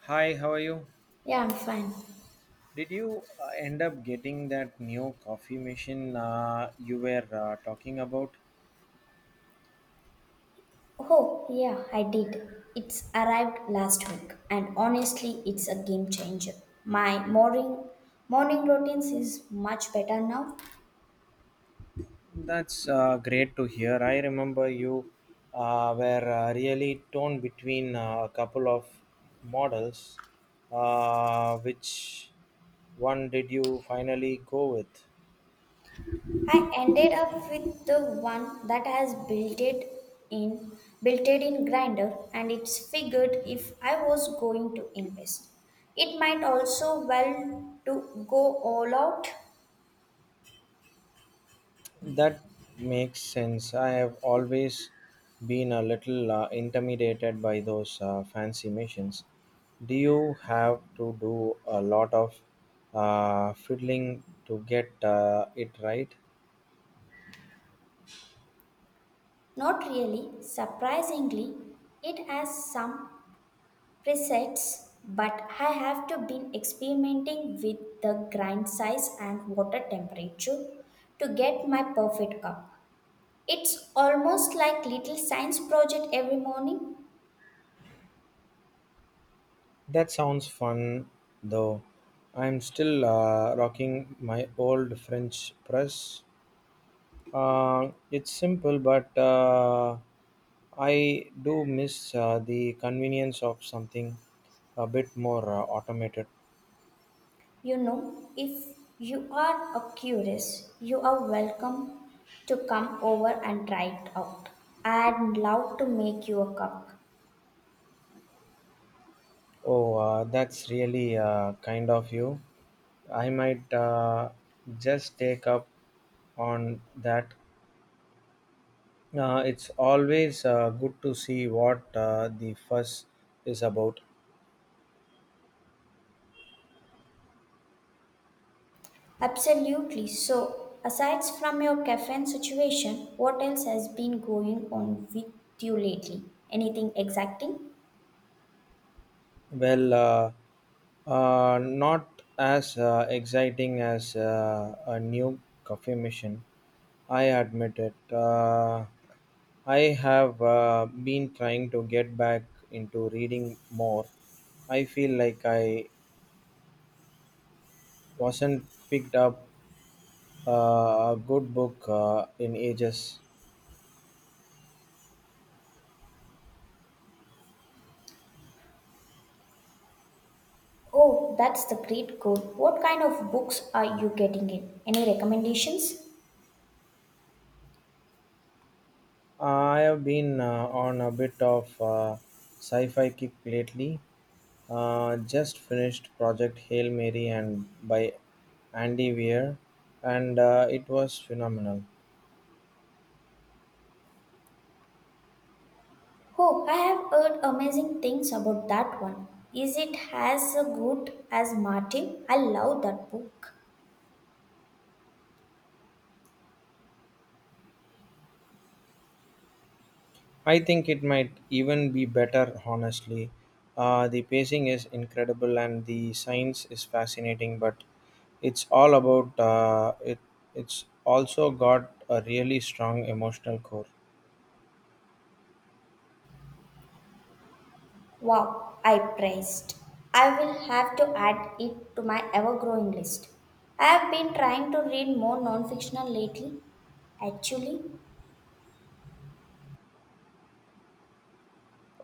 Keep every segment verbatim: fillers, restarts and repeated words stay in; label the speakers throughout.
Speaker 1: Hi, how are you?
Speaker 2: Yeah, I'm fine.
Speaker 1: Did you uh, end up getting that new coffee machine uh, you were uh, talking about?
Speaker 2: Oh, yeah, I did. It's arrived last week, and honestly, it's a game changer. My morning morning routines is much better now.
Speaker 1: That's uh, great to hear. I remember you uh, were uh, really torn between uh, a couple of models. Uh, which one did you finally go with?
Speaker 2: I ended up with the one that has built it in built it in grinder and it's figured if I was going to invest. It might also well to go all out.
Speaker 1: That makes sense. I have always been a little uh, intimidated by those uh, fancy missions. Do you have to do a lot of uh, fiddling to get uh, it right?
Speaker 2: Not really. Surprisingly, it has some presets, but I have to been experimenting with the grind size and water temperature to get my perfect cup. It's almost like little science project every morning.
Speaker 1: That sounds fun though. I'm still uh, rocking my old French press. Uh, it's simple, but uh, I do miss uh, the convenience of something a bit more uh, automated.
Speaker 2: You know, if you are a curious, you are welcome to come over and try it out. I'd love to make you a cup.
Speaker 1: Oh, uh, that's really uh, kind of you. I might uh, just take up on that. Uh, it's always uh, good to see what uh, the fuss is about.
Speaker 2: Absolutely. So, aside from your caffeine situation, what else has been going on with you lately? Anything exciting?
Speaker 1: Well, uh, uh, not as uh, exciting as uh, a new coffee machine, I admit it. Uh, I have uh, been trying to get back into reading more. I feel like I wasn't picked up uh, a good book uh, in ages.
Speaker 2: Oh, that's the great goal. What kind of books are you getting in? Any recommendations?
Speaker 1: I have been uh, on a bit of uh, sci fi kick lately. Uh, just finished Project Hail Mary and by Andy Weir, and uh, it was phenomenal.
Speaker 2: Oh, I have heard amazing things about that one. Is it as good as Martin? I love that book.
Speaker 1: I think it might even be better, honestly. Uh, the pacing is incredible and the science is fascinating, but it's all about uh, it. It's also got a really strong emotional core.
Speaker 2: Wow, I praised. I will have to add it to my ever growing list. I have been trying to read more non fictional lately. Actually,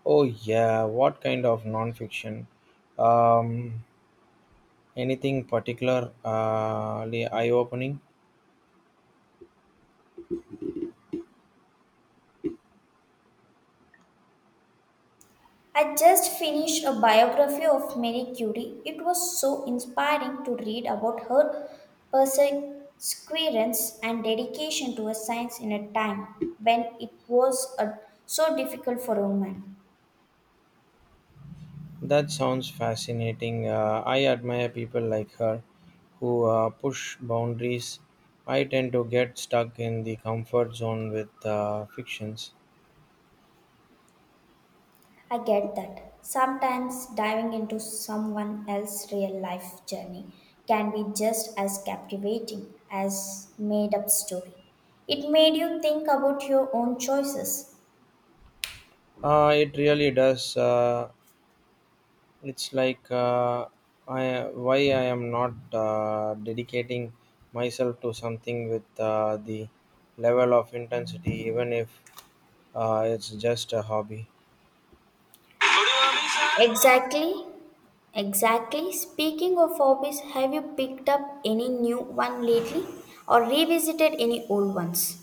Speaker 1: Oh yeah, what kind of nonfiction? Um, Anything particularly eye-opening?
Speaker 2: I just finished a biography of Marie Curie. It was so inspiring to read about her perseverance and dedication to a science in a time when it was uh, so difficult for a woman.
Speaker 1: That sounds fascinating. Uh, I admire people like her who uh, push boundaries. I tend to get stuck in the comfort zone with uh, fictions.
Speaker 2: I get that. Sometimes diving into someone else's real life journey can be just as captivating as made up story. It made you think about your own choices.
Speaker 1: Uh, it really does. Uh, it's like uh, I, why I am not uh, dedicating myself to something with uh, the level of intensity, even if uh, it's just a hobby.
Speaker 2: Exactly. Exactly. Speaking of hobbies, have you picked up any new one lately or revisited any old ones?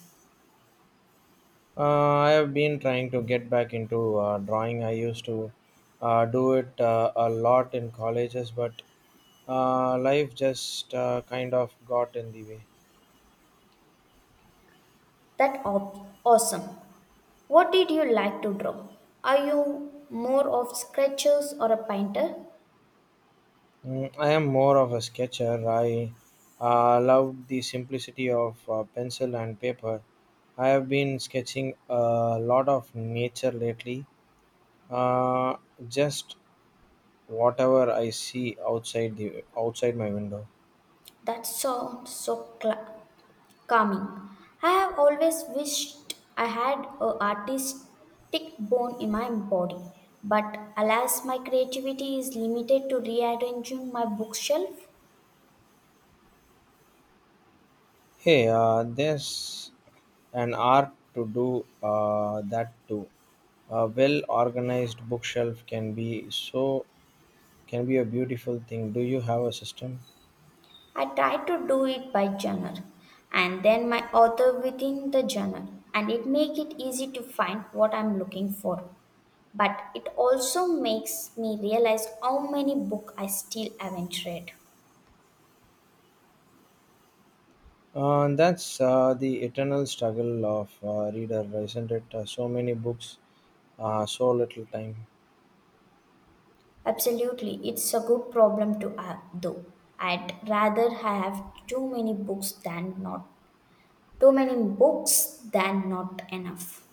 Speaker 1: Uh, I have been trying to get back into uh, drawing. I used to uh, do it uh, a lot in colleges, but uh, life just uh, kind of got in the way.
Speaker 2: That op- awesome. What did you like to draw? Are you more of sketchers or a painter?
Speaker 1: Mm, I am more of a sketcher. I uh, love the simplicity of uh, pencil and paper. I have been sketching a lot of nature lately. Uh, just whatever I see outside the outside my window.
Speaker 2: That sounds so cla calming. I have always wished I had a artistic bone in my body, but alas, my creativity is limited to rearranging my bookshelf.
Speaker 1: Hey, uh, there's an art to do uh, that too. A well organized bookshelf can be so can be a beautiful thing. Do you have a system?
Speaker 2: I try to do it by genre, and then my author within the genre, and it makes it easy to find what I'm looking for. But it also makes me realize how many books I still haven't read.
Speaker 1: Uh, that's uh, the eternal struggle of uh, reader, isn't it? Uh, so many books, uh, so little time.
Speaker 2: Absolutely, it's a good problem to have, though. I'd rather have too many books than not too many books than not enough.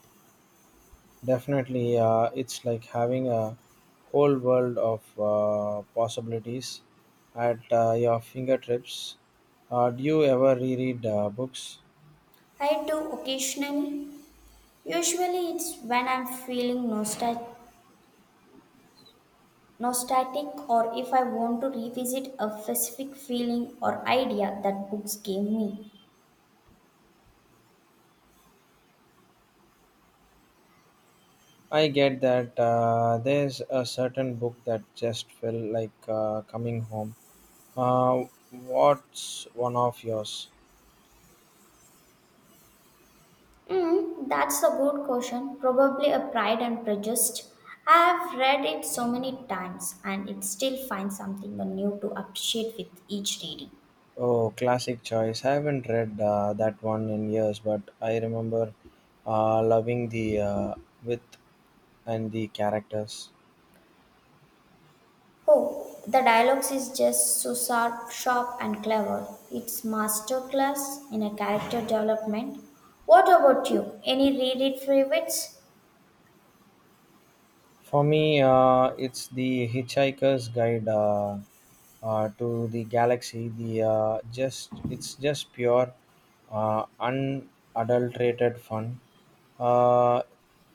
Speaker 1: Definitely, uh, it's like having a whole world of uh, possibilities at uh, your fingertips. Uh, do you ever reread uh, books?
Speaker 2: I do occasionally. Usually, it's when I'm feeling nostalgic. Nostalgic, or if I want to revisit a specific feeling or idea that books gave me.
Speaker 1: I get that uh, there's a certain book that just felt like uh, coming home. Uh, what's one of yours?
Speaker 2: Mm, that's a good question. Probably a Pride and Prejudice. I've read it so many times and it still finds something new to appreciate with each reading.
Speaker 1: Oh, classic choice. I haven't read uh, that one in years, but I remember uh, loving the uh, width and the characters.
Speaker 2: Oh, the dialogues is just so sharp, sharp and clever. It's masterclass in a character development. What about you? Any reread favorites?
Speaker 1: For me, uh, it's the Hitchhiker's Guide uh, uh, to the Galaxy. The uh, just it's just pure, uh, unadulterated fun. Uh,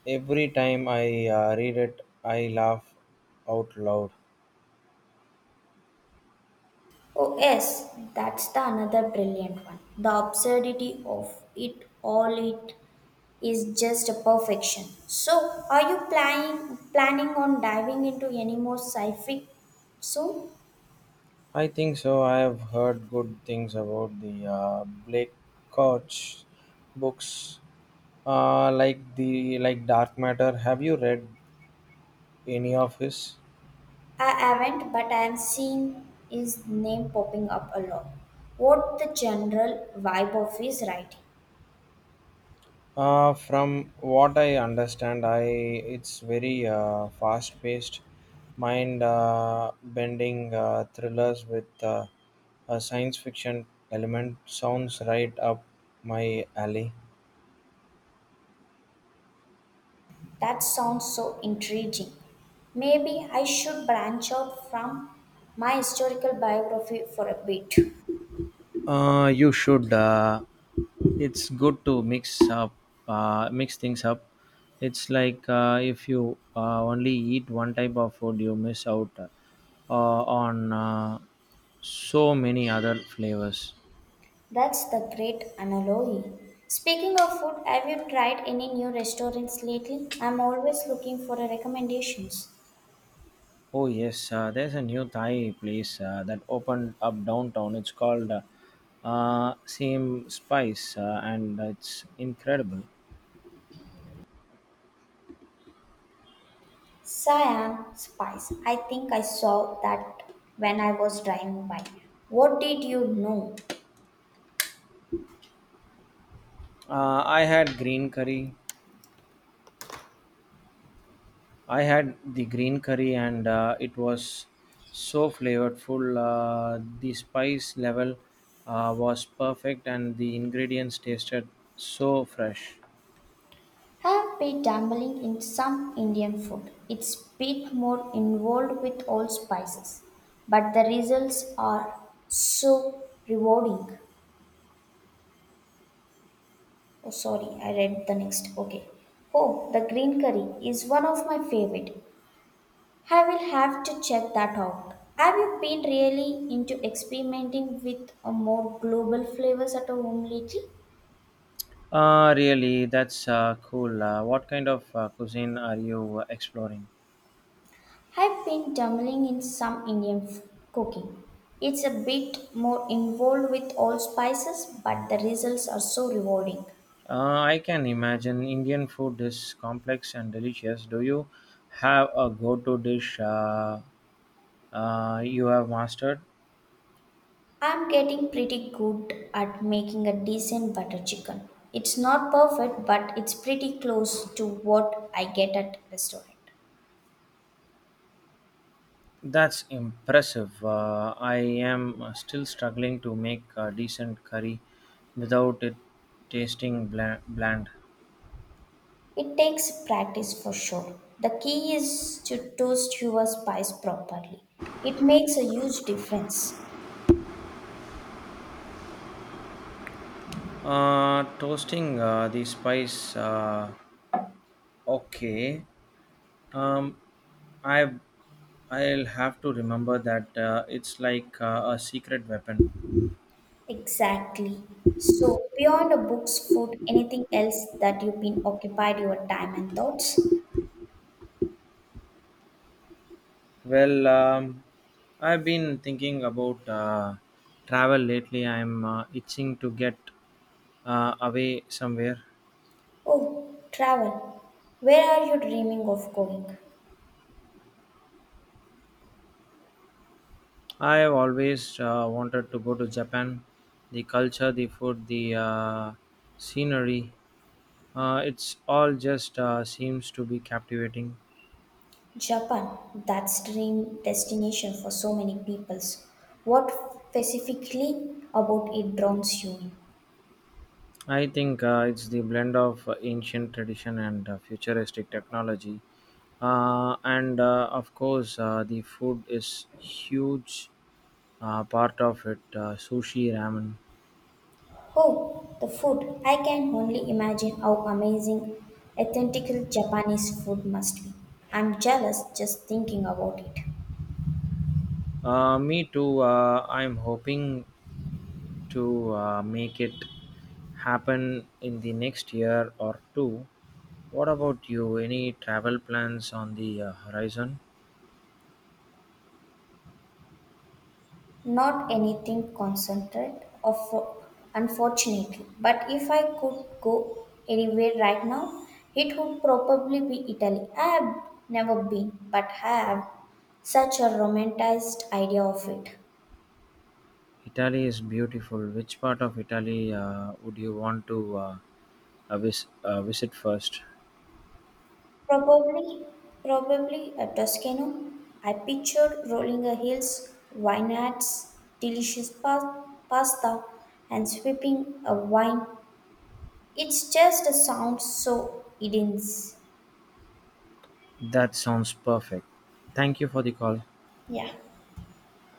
Speaker 1: every time I uh, read it, I laugh out loud.
Speaker 2: Oh yes, that's the another brilliant one. The absurdity of it all it is just a perfection. So, are you planning planning on diving into any more sci-fi soon?
Speaker 1: I think so. I have heard good things about the uh, Blake Koch books, uh, like the like Dark Matter. Have you read any of his?
Speaker 2: I haven't, but I am seeing his name popping up a lot. What the general vibe of his writing?
Speaker 1: Uh, from what I understand, I it's very uh, fast-paced, mind-bending uh, thrillers with uh, a science fiction element. Sounds right up my alley.
Speaker 2: That sounds so intriguing. Maybe I should branch out from my historical biography for a bit.
Speaker 1: Uh, you should. Uh, it's good to mix up, uh, mix things up. It's like uh, if you uh, only eat one type of food, you miss out uh, on uh, so many other flavors.
Speaker 2: That's the great analogy. Speaking of food, have you tried any new restaurants lately? I'm always looking for a recommendations.
Speaker 1: Oh yes, uh, there's a new Thai place uh, that opened up downtown. It's called uh, uh, Same Spice, uh, and it's incredible.
Speaker 2: Siam Spice. I think I saw that when I was driving by. What did you know?
Speaker 1: Uh, I had green curry. I had the green curry, and uh, it was so flavorful. Uh, the spice level uh, was perfect, and the ingredients tasted so fresh.
Speaker 2: I've been dabbling in some Indian food. It's bit more involved with all spices, but the results are so rewarding. Oh, sorry, I read the next. Okay. Oh, the green curry is one of my favorite. I will have to check that out. Have you been really into experimenting with a more global flavors at home lately?
Speaker 1: Uh, really, that's uh, cool. Uh, what kind of uh, cuisine are you exploring?
Speaker 2: I've been dabbling in some Indian f- cooking. It's a bit more involved with all spices, but the results are so rewarding.
Speaker 1: Uh, I can imagine Indian food is complex and delicious. Do you have a go to dish uh, uh, you have mastered?
Speaker 2: I'm getting pretty good at making a decent butter chicken. It's not perfect, but it's pretty close to what I get at restaurant.
Speaker 1: That's impressive. Uh, I am uh, still struggling to make a decent curry without it tasting bland. bland.
Speaker 2: It takes practice for sure. The key is to toast your spice properly. It makes a huge difference.
Speaker 1: Uh, toasting uh, the spice. Uh, okay. Um, I I'll have to remember that uh, it's like uh, a secret weapon.
Speaker 2: Exactly. So, beyond a book's food, anything else that you've been occupied your time and thoughts?
Speaker 1: Well, um, I've been thinking about uh, travel lately. I'm uh, itching to get uh, away somewhere.
Speaker 2: Oh, travel. Where are you dreaming of going?
Speaker 1: I have always uh, wanted to go to Japan. The culture, the food, the uh, scenery, uh, it's all just uh, seems to be captivating.
Speaker 2: Japan, that's dream destination for so many peoples. What specifically about it draws you in?
Speaker 1: I think uh, it's the blend of uh, ancient tradition and uh, futuristic technology. Uh, and uh, of course, uh, the food is huge uh, part of it, uh, sushi ramen.
Speaker 2: Oh, the food. I can only imagine how amazing authentic Japanese food must be. I'm jealous just thinking about it.
Speaker 1: Uh, me too. Uh, i'm hoping to uh, make it happen in the next year or two. What about you, any travel plans on the uh, horizon?
Speaker 2: Not anything concentrate, of, unfortunately. But if I could go anywhere right now, it would probably be Italy. I have never been, but have such a romanticized idea of it.
Speaker 1: Italy is beautiful. Which part of Italy uh, would you want to uh, uh, vis- uh, visit first?
Speaker 2: Probably, Probably a Toscano. I pictured rolling a hills, vineyards, delicious pa- pasta, and sipping a wine. It's just a sound so intense.
Speaker 1: That sounds perfect. Thank you for the call.
Speaker 2: Yeah.